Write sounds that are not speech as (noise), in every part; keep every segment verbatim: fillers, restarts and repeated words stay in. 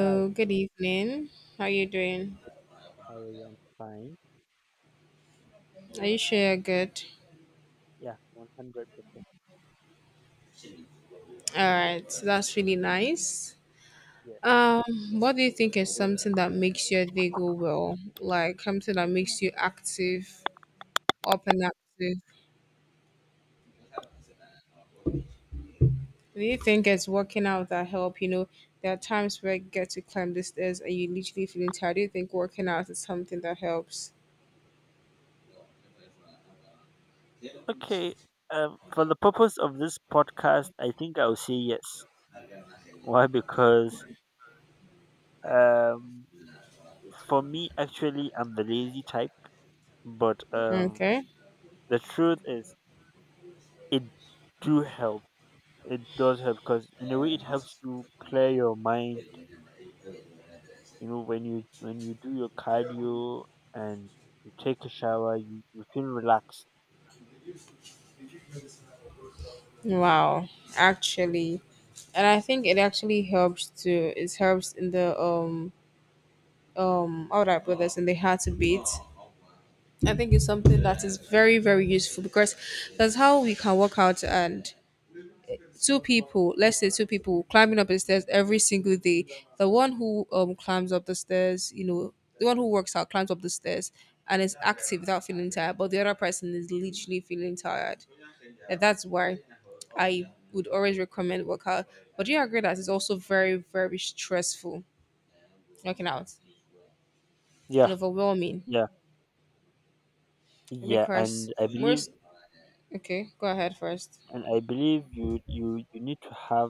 Hi, good evening. How are you doing? how are you? I'm fine. Are you sure you're good? Yeah, one hundred percent. All right, so that's really nice. Yeah. Um, what do you think is something that makes your day go well? Like something that makes you active, up and active. Do you think it's working out that help? You know, there are times where you get to climb the stairs and you literally feeling tired. Do you think working out is something that helps? Okay. Um, for the purpose of this podcast, I think I'll say yes. Why? Because um, for me, actually, I'm the lazy type. But um, Okay. the truth is, it do help. It does help because in a way, it helps you clear your mind. You know, when you when you do your cardio and you take a shower, you, you feel relaxed. Wow. Actually, and I think it actually helps too. It helps in the um um all right brothers and they had to beat. I think it's something that is very very useful because that's how we can work out and two people, let's say two people climbing up the stairs every single day, the one who um climbs up the stairs, you know, the one who works out climbs up the stairs and is active without feeling tired, but the other person is literally feeling tired. And that's why I would always recommend workout. But do you agree that it's also very very stressful, working out and Yeah, overwhelming, yeah, yeah. because And I believe most. Okay, go ahead first. and i believe you you you need to have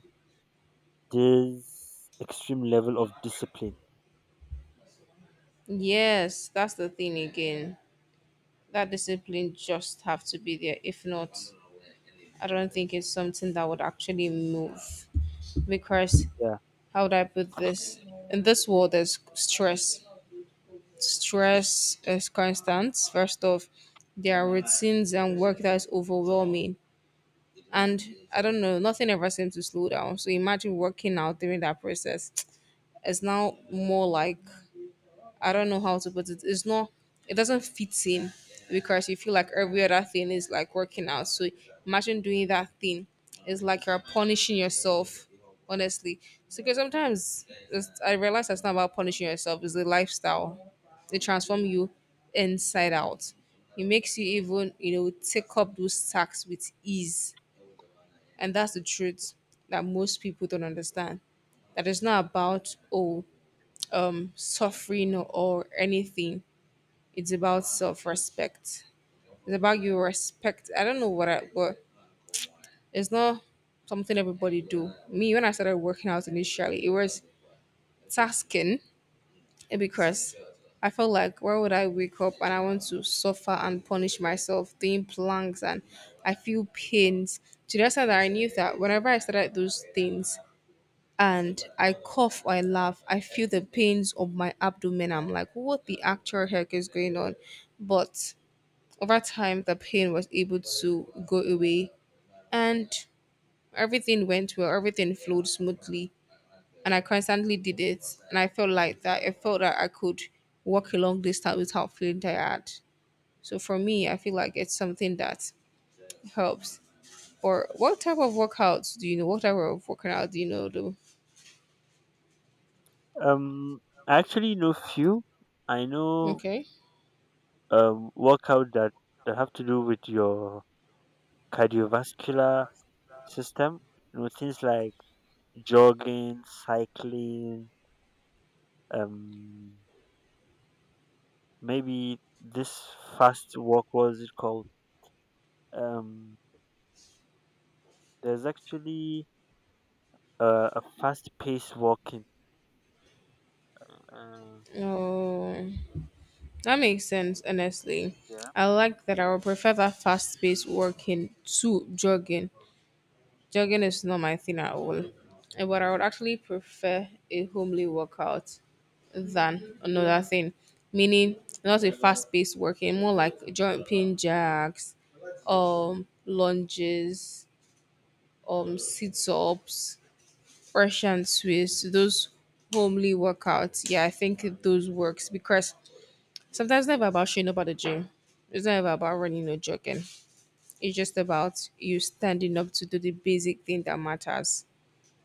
this extreme level of discipline. Yes, that's the thing again. That discipline just have to be there. If not, I don't think it's something that would actually move. Because Yeah. how would I put this? In this world, there's stress. Stress is constant. First off, there are routines and work that is overwhelming. And I don't know, nothing ever seems to slow down. So imagine working out during that process. It's now more like, I don't know how to put it. It's not. It doesn't fit in because you feel like every other thing is like working out. So imagine doing that thing. It's like you're punishing yourself. Honestly, so because sometimes it's, I realize that's not about punishing yourself. It's the lifestyle. It transforms you inside out. It makes you even, you know, take up those tasks with ease, and that's the truth that most people don't understand. That it's not about oh suffering or, or anything, it's about self respect. It's about your respect. I don't know what I but it's not something everybody do. Me, when I started working out initially, it was tasking because I felt like why would I wake up and I want to suffer and punish myself doing planks and I feel pains. To the extent that I knew that whenever I started those things and I cough or I laugh, I feel the pains of my abdomen. I'm like, what the actual heck is going on? But over time, the pain was able to go away and everything went well, everything flowed smoothly. And I constantly did it. And I felt like that. I felt that I could walk a long distance without feeling tired. So for me, I feel like it's something that helps. Or what type of workouts do you know? What type of workout do you know though? um I actually know few. I know, Okay. um workout that that have to do with your cardiovascular system. You know things like jogging, cycling, um maybe this fast walk, what is it called? um there's actually uh, a fast pace walking. uh, Oh, that makes sense, honestly. yeah, I like that. I would prefer that fast paced working to jogging. Jogging is not my thing at all, eh, but I would actually prefer a homely workout than another thing, meaning not a fast paced working, more like jumping jacks, um, lunges, um, sit ups, fresh and Swiss, those homely workouts. Yeah, I think those works because sometimes it's never about showing up at the gym. It's never about running or jogging. It's just about you standing up to do the basic thing that matters,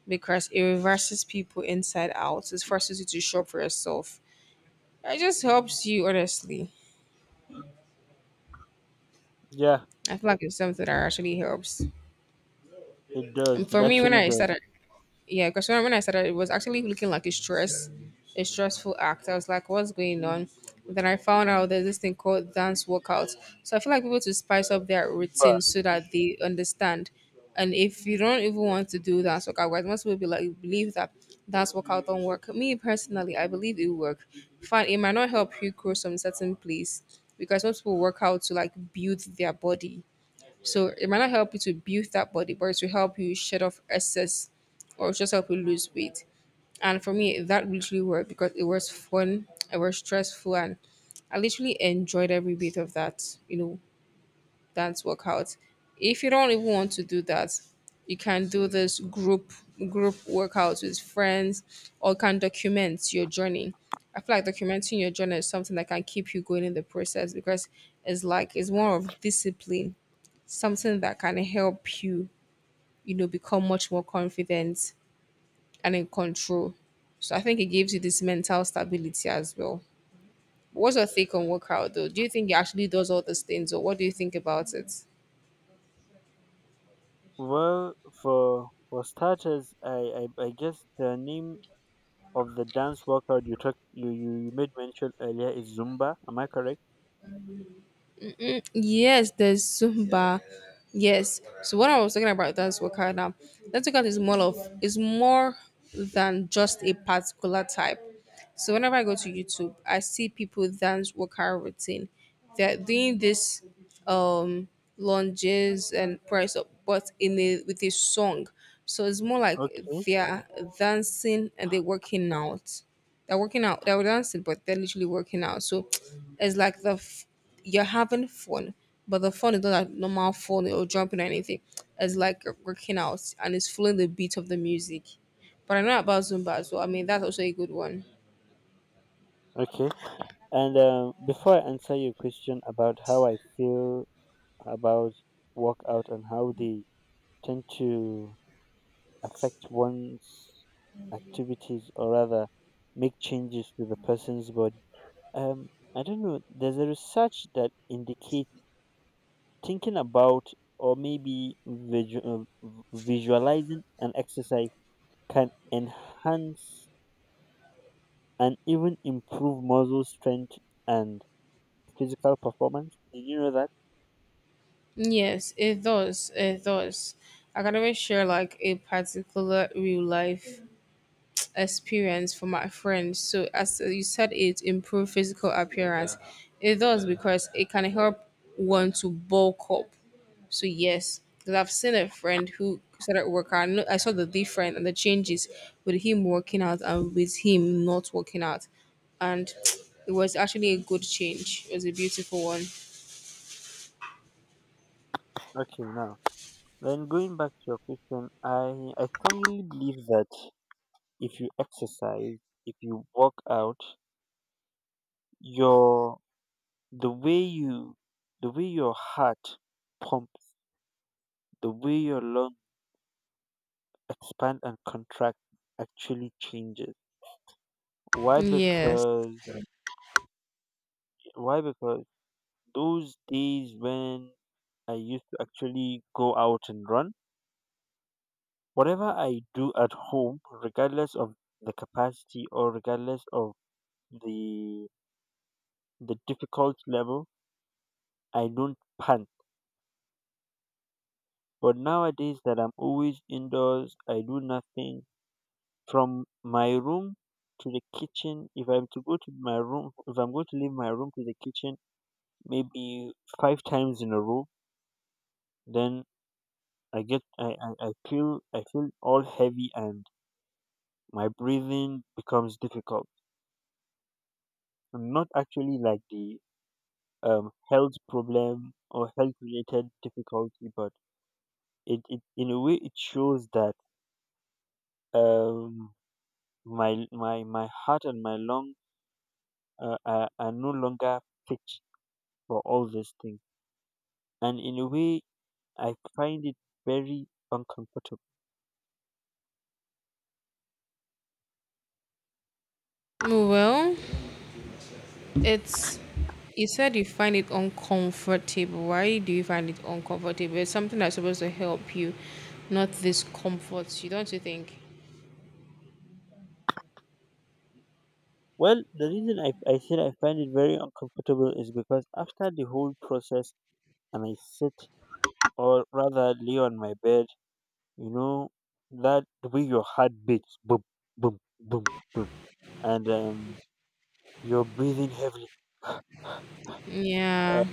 because it reverses people inside out. It forces you to show up for yourself. It just helps you, honestly. yeah. I feel like it's something that actually helps. It does. And It for me, when actually I does. started, yeah, because when when I started, it was actually looking like a stress, a stressful act. I was like, what's going on? Then I found out there's this thing called dance workouts. So I feel like people to spice up their But routine so that they understand. And if you don't even want to do dance workout, whereas most people be like believe that dance workout don't work. Me personally, I believe it will work. Fine, it might not help you grow some certain place because most people work out to like build their body, so it might not help you to build that body, but it will help you shed off excess or just help you lose weight. And for me, that literally worked because it was fun, it was stressful, and I literally enjoyed every bit of that, you know, dance workout. If you don't even want to do that, you can do this group group workouts with friends or can document your journey. I feel like documenting your journey is something that can keep you going in the process because it's like it's more of discipline, something that can help you, you know, become much more confident and in control. So I think it gives you this mental stability as well. What's your take on workout though? Do you think it actually does all those things or what do you think about it? well, for for starters, I I, I guess the name of the dance workout you took you, you you made mention earlier is Zumba. Am I correct? Mm, yes, there's Zumba. Yes. So what I was talking about dance workout now, dance workout is more of, is more than just a particular type. So whenever I go to YouTube, I see people dance workout routine. They're doing this um lunges and press up, but in a with a song. So it's more like Okay. they're dancing and they're working out. They're working out. They're dancing, but they're literally working out. So it's like the f- you're having fun, but the fun is not like normal fun or jumping or anything. It's like working out and it's following the beat of the music. But I know about Zumba as well. I mean, that's also a good one. Okay. And uh, before I answer your question about how I feel about workout and how they tend to affect one's activities or rather make changes to the person's body, um, I don't know. There's a research that indicates thinking about or maybe visual, visualizing an exercise can enhance and even improve muscle strength and physical performance. Did you know that? Yes, it does. It does. I can always share like a particular real life experience for my friends. So as you said, it improves physical appearance. It does because it can help one to bulk up. So yes, because I've seen a friend who started working. I know- I saw the difference and the changes with him working out and with him not working out, and (tsk) it was actually a good change. It was a beautiful one. Okay, now then going back to your question, I I strongly believe that if you exercise, if you work out, your the way you the way your heart pumps, the way your lungs expand and contract actually changes. Why? Yes. Because why? Because those days when I used to actually go out and run, whatever I do at home, regardless of the capacity or regardless of the the difficult level, I don't pant. But nowadays that I'm always indoors, I do nothing from my room to the kitchen. If I'm to go to my room, if I'm going to leave my room to the kitchen, maybe five times in a row, then I get I, I, I feel I feel all heavy and my breathing becomes difficult. And not actually like the um health problem or health related difficulty, but it, it in a way it shows that um my my my heart and my lung uh, are, are no longer fit for all these things. And in a way I find it very uncomfortable. Well. It's, you said you find it uncomfortable. Why do you find it uncomfortable? It's something that's supposed to help you, not this comfort. You don't you think? Well, the reason I, I said I find it very uncomfortable is because after the whole process and I sit, or rather lay on my bed, you know, that the way your heart beats, boom, boom, boom, boom, and um, you're breathing heavily. (sighs) Uh, Yeah.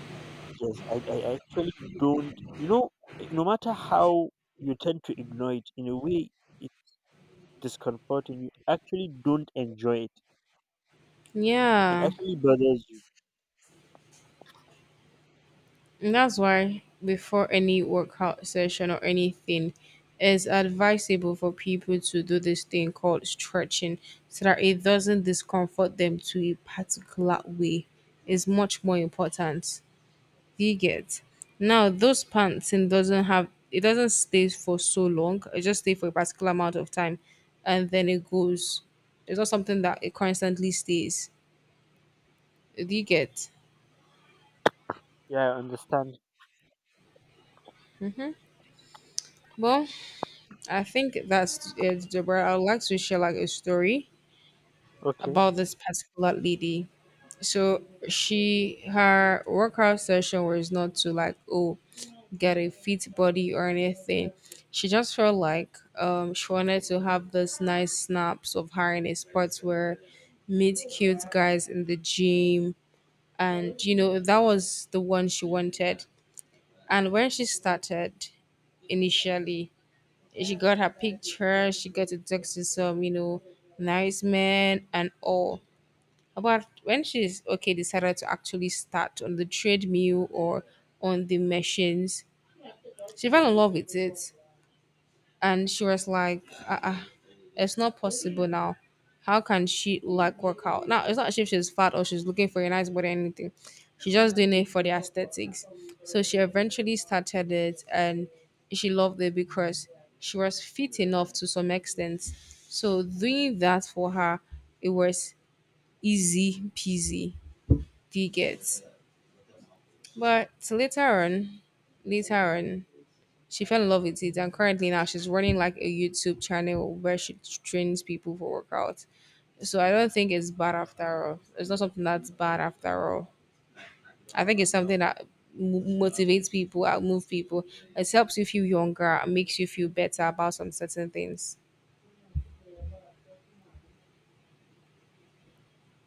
yes, I, I actually don't, you know, eh, no matter how you tend to ignore it, in a way, it's discomforting. You actually don't enjoy it. It Yeah. actually bothers you. And that's why before any workout session or anything, it's advisable for people to do this thing called stretching so that it doesn't discomfort them to a particular way. Is much more important. Do you get? Now those pants and doesn't have, it doesn't stay for so long. It just stay for a particular amount of time and then it goes. It's not something that it constantly stays. Do you get? Yeah, I understand. Hmm. Well, I think that's it, Deborah. I would like to share like a story Okay. about this particular lady. So, she her workout session was not to like oh get a fit body or anything. She just felt like um, she wanted to have those nice snaps of her in a spot where meet cute guys in the gym. And, you know, that was the one she wanted. And when she started initially, she got her picture, she got to talk to some, you know, nice men and all. But when she's okay, decided to actually start on the treadmill or on the machines, she fell in love with it. And she was like, uh-uh, it's not possible now. How can she like work out? Now it's not as if she's fat or she's looking for a nice body or anything. She's just doing it for the aesthetics. So she eventually started it and she loved it because she was fit enough to some extent. So doing that for her, it was easy peasy. Do you get? But later on, later on, she fell in love with it, and currently now she's running like a YouTube channel where she trains people for workouts. So I don't think it's bad after all. It's not something that's bad after all. I think it's something that m- motivates people, outmoves people. It helps you feel younger, and makes you feel better about some certain things.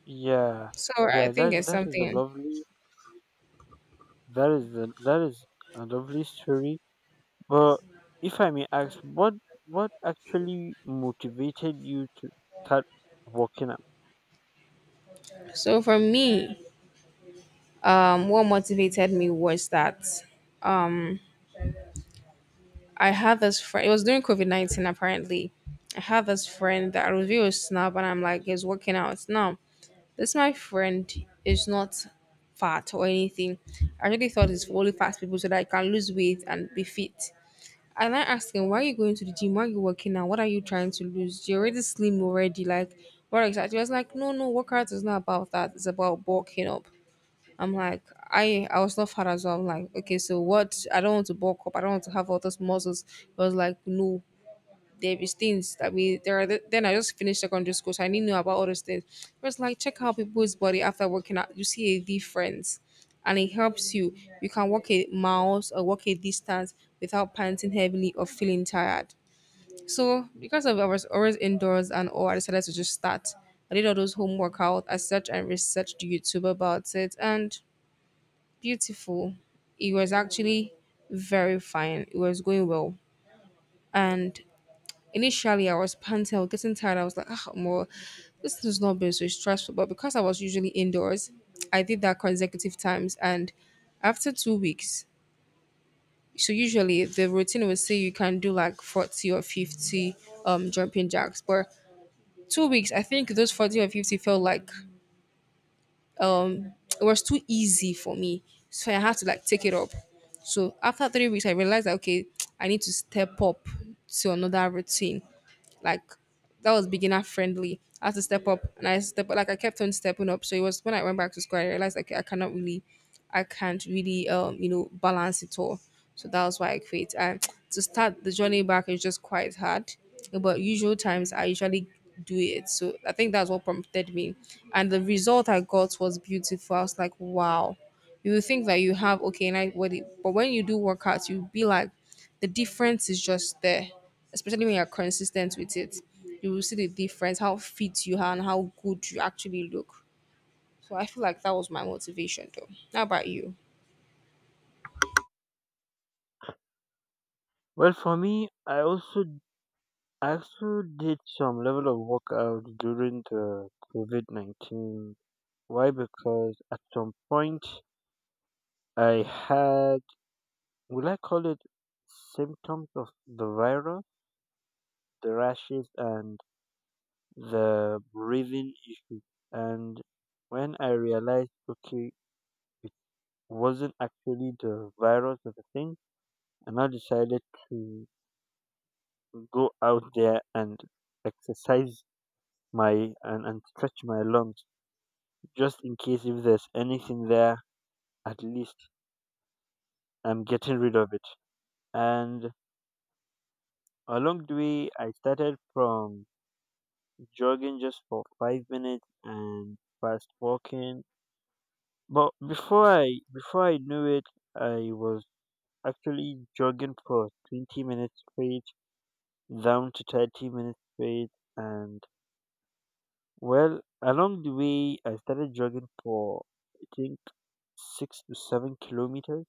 Yeah. So I Yeah, think that it's that is a something. lovely that is a, that is a lovely story. But if I may ask, what what actually motivated you to start working out? So for me, um, what motivated me was that um, I had this friend. It was during COVID nineteen. Apparently, I had this friend that I was a snob, and I'm like, he's working out now. This my friend is not fat or anything. I really thought it's for only fat people so that I can lose weight and be fit. And I asked him, why are you going to the gym? Why are you working out? What are you trying to lose? You're already slim already. Like, what exactly? He was like, no, no, workout is not about that. It's about bulking up. I'm like, I I was not fat as well. I'm like, okay, so what? I don't want to bulk up. I don't want to have all those muscles. It was like, no, there is things that we there are. The, then I just finished secondary school, so I didn't know about all those things. It was like, check how people's body after working out. You see a difference, and it helps you. You can walk a miles or walk a distance without panting heavily or feeling tired. So because of I was always indoors and all, I decided to just start. I did all those home workout. I searched and researched YouTube about it, and beautiful. It was actually very fine. It was going well. And initially, I was panting, I was getting tired. I was like, ah, more, this has not been so stressful. But because I was usually indoors, I did that consecutive times. And after two weeks, so usually the routine will say you can do like forty or fifty um, jumping jacks. But two weeks, I think those forty or fifty felt like um it was too easy for me, so I had to like take it up. So after three weeks, I realized that okay, (tsk) I need to step up to another routine, like, that was beginner friendly. I had to step up and I step, like, I kept on stepping up. So it was when I went back to school I realized like I cannot really I can't really um you know balance it all. So that was why I quit. And to start the journey back is just quite hard. But usual times I usually do it. So I think that's what prompted me. And the result I got was beautiful. I was like, wow, you will think that you have okay nice body, but when you do workouts you'll be like, the difference is just there, especially when you're consistent with it. You will see the difference, how fit you are and how good you actually look. So I feel like that was my motivation, though. How about you? Well, for me, I also I also did some level of workout during the COVID nineteen. Why? Because at some point I had, will I call it, symptoms of the virus, the rashes, and the breathing issue. And when I realized, okay, wasn't actually the virus or the thing, and I decided to go out there and exercise my and, and stretch my lungs just in case if there's anything there, at least I'm getting rid of it. And along the way, I started from jogging just for five minutes and fast walking. But before I before I knew it, I was actually jogging for twenty minutes straight down to thirty minutes straight. And well, along the way, I started jogging for I think six to seven kilometers.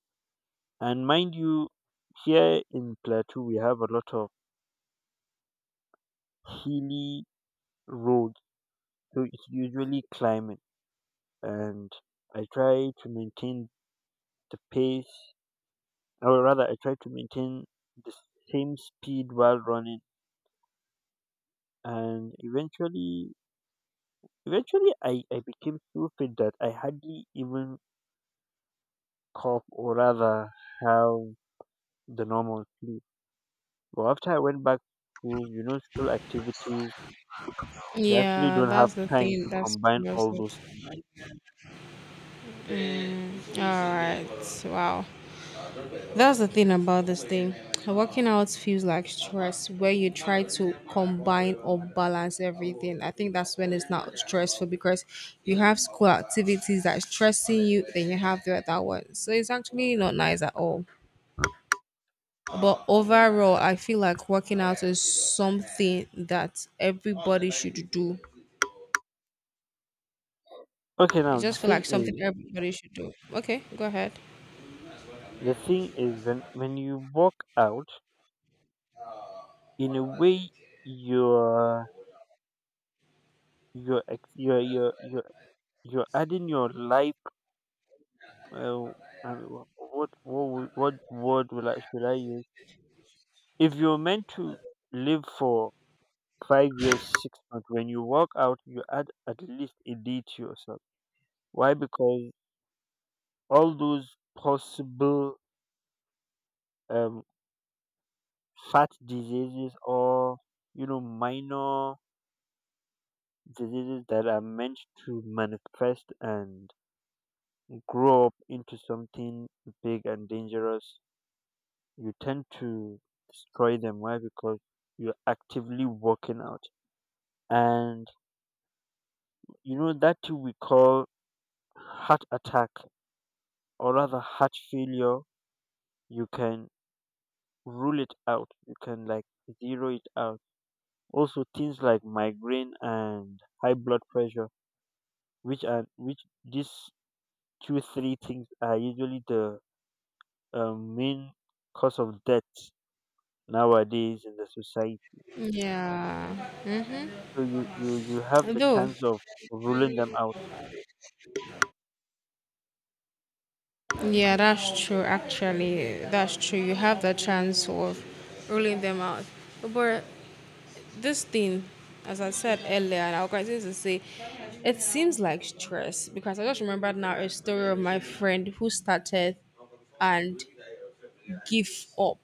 And mind you, here in Plateau, we have a lot of hilly roads, so it's usually climbing. And I try to maintain the pace, or rather, I try to maintain the same speed while running. And eventually, eventually, I, I became so fit that I hardly even cough, or rather have the normal sleep. But after I went back to school, you know, school activities, you actually Yeah, don't have that's the time thing, to that's combine that's all it. those things. Mm, all right. Wow. That's the thing about this thing. Working out feels like stress where you try to combine or balance everything. I think that's when it's not stressful, because you have school activities that stressing you, then you have the other one. So it's actually not nice at all. But overall, I feel like working out is something that everybody should do. Okay, I now the just feel thing like something is, everybody should do. Okay, go ahead. the thing is when when you walk out, in a way, you're you're ex- you're you're you're, you're adding your life. Uh, uh, what what wo- what word will I should I use? If you're meant to live for five years, six months, when you walk out, you add at least a day to yourself. Why? Because all those possible um, fat diseases or you know minor diseases that are meant to manifest and grow up into something big and dangerous, you tend to destroy them. Why? Because you're actively working out. And you know that we call heart attack, or rather heart failure, you can rule it out, you can like zero it out. Also things like migraine and high blood pressure, which are which these two three things are usually the um, main cause of death nowadays in the society. Yeah. So you you you have the Though. chance of ruling them out. Yeah, that's true. Actually, that's true. You have the chance of ruling them out. But this thing, as I said earlier, and I'll continue to say, it seems like stress, because I just remembered now a story of my friend who started and give up.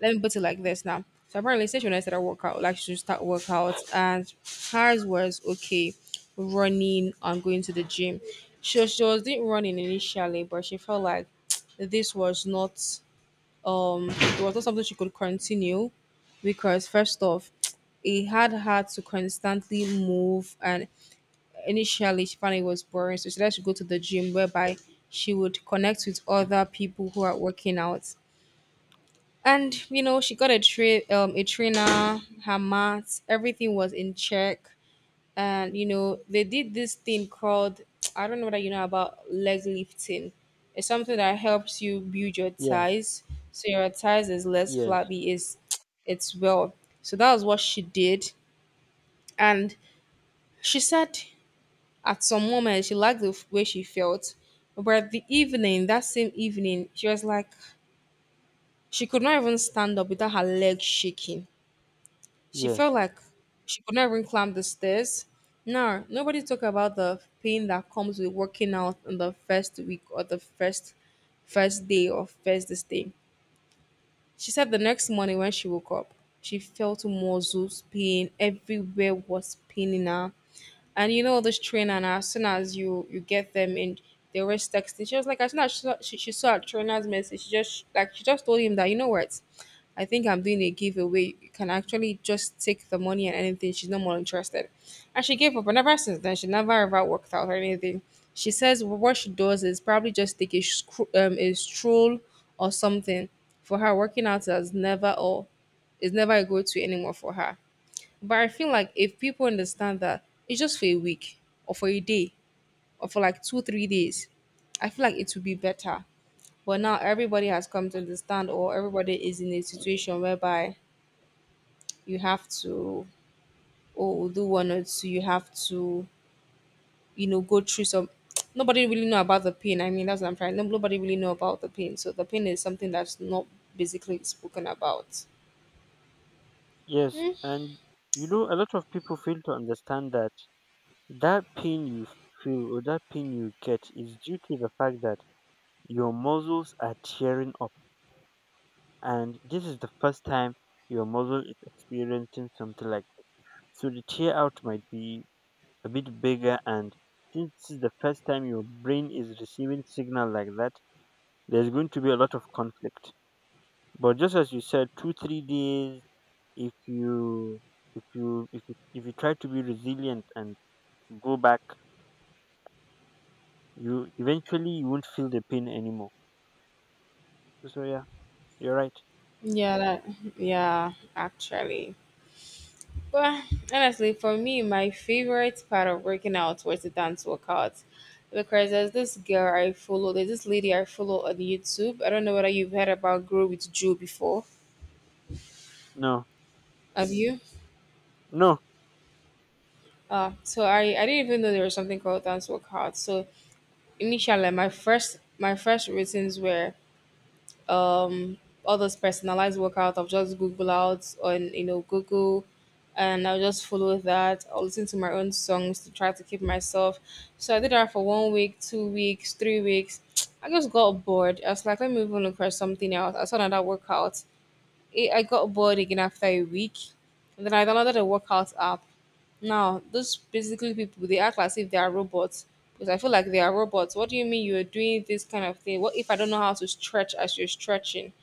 Let me put it like this now. So apparently, since when I started workout, like she start workout, and hers was okay, running and going to the gym. She was, she was doing running initially, but she felt like (tsk) this was not um it was not something she could continue because first off, (tsk) it had her to constantly move, and initially she found it was boring. So she decided to go to the gym, whereby she would connect with other people who are working out. And you know she got a tra- um a trainer. Her maths, everything was in check. And you know they did this thing called, (tsk) I don't know whether you know about leg lifting. It's something that helps you build your Yeah. thighs, so your thighs is less Yes. flabby, is (tsk) it's well. So that was what she did. And she said at some moment she liked the f- way she felt. But the evening, that same evening, she was like she could not even stand up without her leg shaking. She Yes. felt like she could not even climb the stairs. Now, nobody talk about the pain that comes with working out on the first week, or the first first day, or first this day. She said the next morning when she woke up, she felt muscles pain, everywhere was paining her. And you know this trainer, and as soon as you you get them in, they always texting. She was like, as soon as she saw, she, she saw a trainer's message, she just like she just told him that, you know what, I think I'm doing a giveaway. You can actually just take the money and anything, she's no more interested. And she gave up. And ever since then she never ever worked out or anything. She says what she does is probably just take a, scro- um, a stroll or something. For her, working out is never, or is never a go-to anymore for her. But I feel like if people understand that it's just for a week, or for a day, or for like two, three days, I feel like it would be better. But now everybody has come to understand, or everybody is in a situation whereby you have to, oh, do one or two, you have to, you know, go through some. (tsk) Nobody really know about the pain. I mean, that's what I'm trying. Nobody really know about the pain. So the pain is something that's not basically spoken about. Yes, and you know a lot of people fail to understand that that pain you feel or that pain you get is due to the fact that your muscles are tearing up, and this is the first time your muscle is experiencing something like that. So the tear out might be a bit bigger, and since this is the first time your brain is receiving signal like that, there's going to be a lot of conflict. But just as you said, two, three days, if you if you if you, if you try to be resilient and go back, you eventually you won't feel the pain anymore. So yeah, you're right. Yeah, that, yeah, actually. Well, honestly, for me, my favorite part of working out was the dance workouts. Because there's this girl I follow, there's this lady I follow on YouTube. I don't know whether you've heard about Grow with Joe before. No. Have you? No. Uh, so I, I didn't even know there was something called dance workout. So initially my first my first routines were um all those personalized workout I of just Google out on you know Google. And I'll just follow that. I'll listen to my own songs to try to keep myself. So I did that for one week, two weeks, three weeks. (tsk) I just got bored. I was like, let me even look for something else. I saw another workout. I I got bored again after a week. And then I downloaded a workout app. Now, those basically people, they act as if they are robots. Because I feel like they are robots. What do you mean you're doing this kind of thing? What if I don't know how to stretch as you're stretching?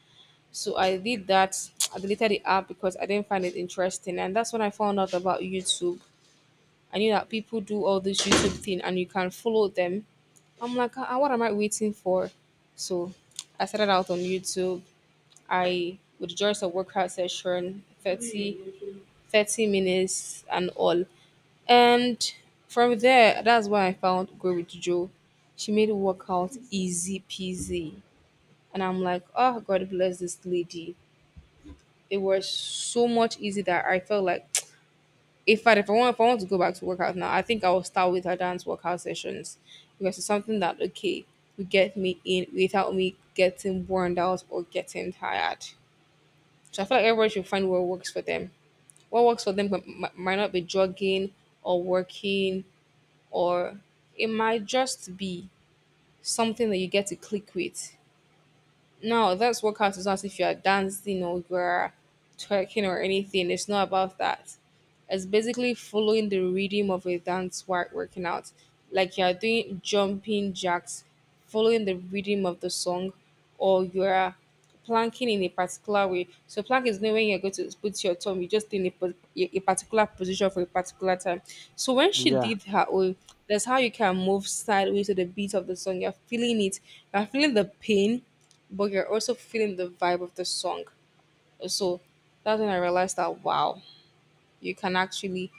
So I did that. I deleted the app because I didn't find it interesting, and that's when I found out about YouTube. I knew that people do all this YouTube thing, and you can follow them. I'm like, "Ah, ah, what am I waiting for?" So I started out on YouTube. I would join a workout session, thirty, thirty minutes and all. And from there, that's when I found Grow with Joe. She made workout easy peasy. And I'm like, oh, God bless this lady. It was so much easy that I felt like, (tsk) in fact, if I want if I want to go back to workout now, I think I will start with her dance workout sessions, because it's something that, okay, will get me in without me getting worn out or getting tired. So I feel like everybody should find what works for them. What works for them m- m- might not be jogging, or working, or it might just be something that you get to click with. No, that's workout is not as if you are dancing or you are twerking or anything. It's not about that. It's basically following the rhythm of a dance while working out. Like you are doing jumping jacks, following the rhythm of the song, or you are planking in a particular way. So plank is not when you're going to put your thumb, you just in a, po- a a particular position for a particular time. So when she Yeah. did her own, that's how you can move sideways to the beat of the song. You're feeling it, you're feeling the pain, but you're also feeling the vibe of the song. So that's when I realized that wow, you can actually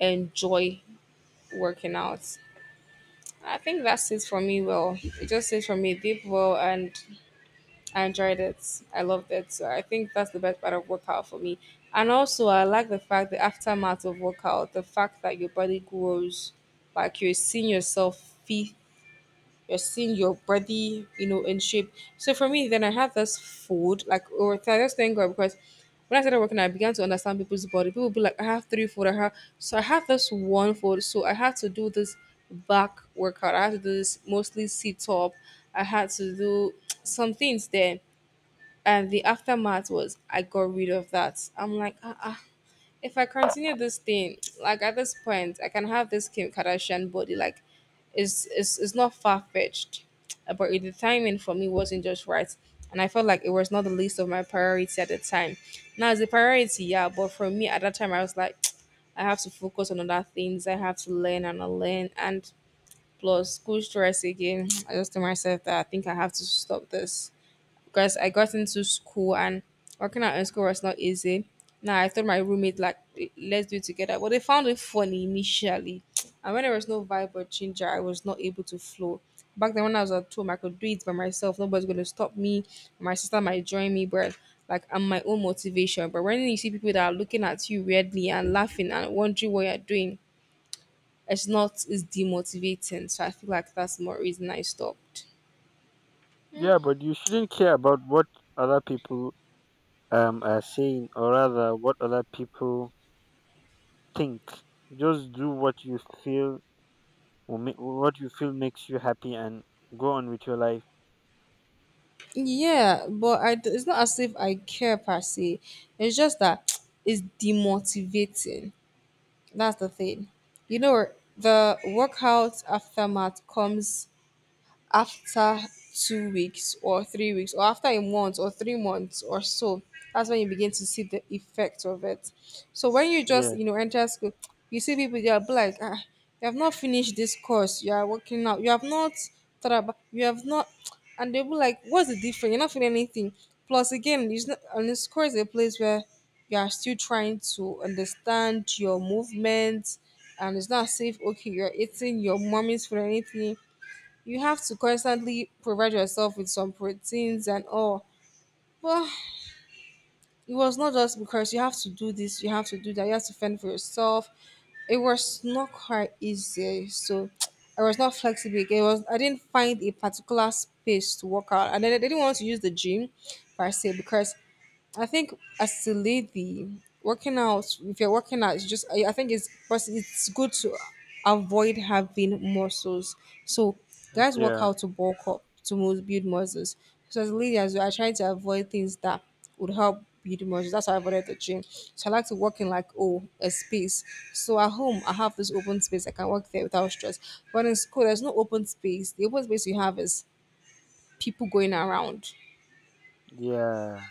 enjoy working out. I think that's it for me. Well, it just is for me. Deep well, and I enjoyed it. I loved it. So I think that's the best part of workout for me. And also, I like the fact the aftermath of workout, the fact that your body grows, like you're seeing yourself fit, you're seeing your body you know in shape. So for me then, I had this food like or th- I just thank God, because when I started working, I began to understand people's body. People be like, I have three food, I have, so I have this one food. So I had to do this back workout, I had to do this mostly sit up, I had to do some things there, and the aftermath was I got rid of that. I'm like, ah, ah, if I continue this thing, like at this point, I can have this Kim Kardashian body. Like, it's it's, it's not far fetched, but the timing for me wasn't just right, and I felt like it was not the least of my priority at the time. Now it's a priority, yeah, but for me at that time, I was like, (tsk) I have to focus on other things. I have to learn and learn, and plus school stress again. (tsk) I just told myself that I think I have to stop this, because I got into school and working out in school was not easy. Now I told my roommate like, "Eh, let's do it together," but they found it funny initially. And when there was no vibe or ginger, I was not able to flow. Back then when I was at home, I could do it by myself. Nobody's gonna stop me. My sister might join me, but like, I'm my own motivation. But when you see people that are looking at you weirdly and laughing and wondering what you're doing, it's not it's demotivating. So I feel like that's more reason I stopped. Yeah, but you shouldn't care about what other people um are saying, or rather, what other people think. Just do what you feel, will ma- what you feel makes you happy, and go on with your life. Yeah, but I d- it's not as if I care per se. It's just that (tsk) it's demotivating. That's the thing. You know, the workout aftermath comes after two weeks or three weeks or after a month or three months or so. That's when you begin to see the effect of it. So when you just Yeah, you know enter school, you see people, they are like, ah, you have not finished this course, you are working out, you have not traba- you have not, and they'll be like, what's the difference, you're not feeling anything. Plus again, it's not, and this course is a place where you are still trying to understand your movements. And it's not safe. Okay, you're eating your mommy's food or anything, you have to constantly provide yourself with some proteins and all. But it was not just because you have to do this, you have to do that, you have to fend for yourself. It was not quite easy. So (tsk) I was not flexible again. It was, I didn't find a particular space to work out. And then I didn't want to use the gym per se, because I think as a lady, working out, if you're working out, it's just, I I think it's, first, it's good to avoid having muscles. So guys work yeah, out to bulk up, to mu- build muscles. So as a lady, as well, I try to avoid things that would help build muscles. That's why I avoided the gym. So I like to work in like, oh, a space. So at home, I have this open space, I can work there without stress. But in school, there's no open space. The open space you have is people going around. yeah.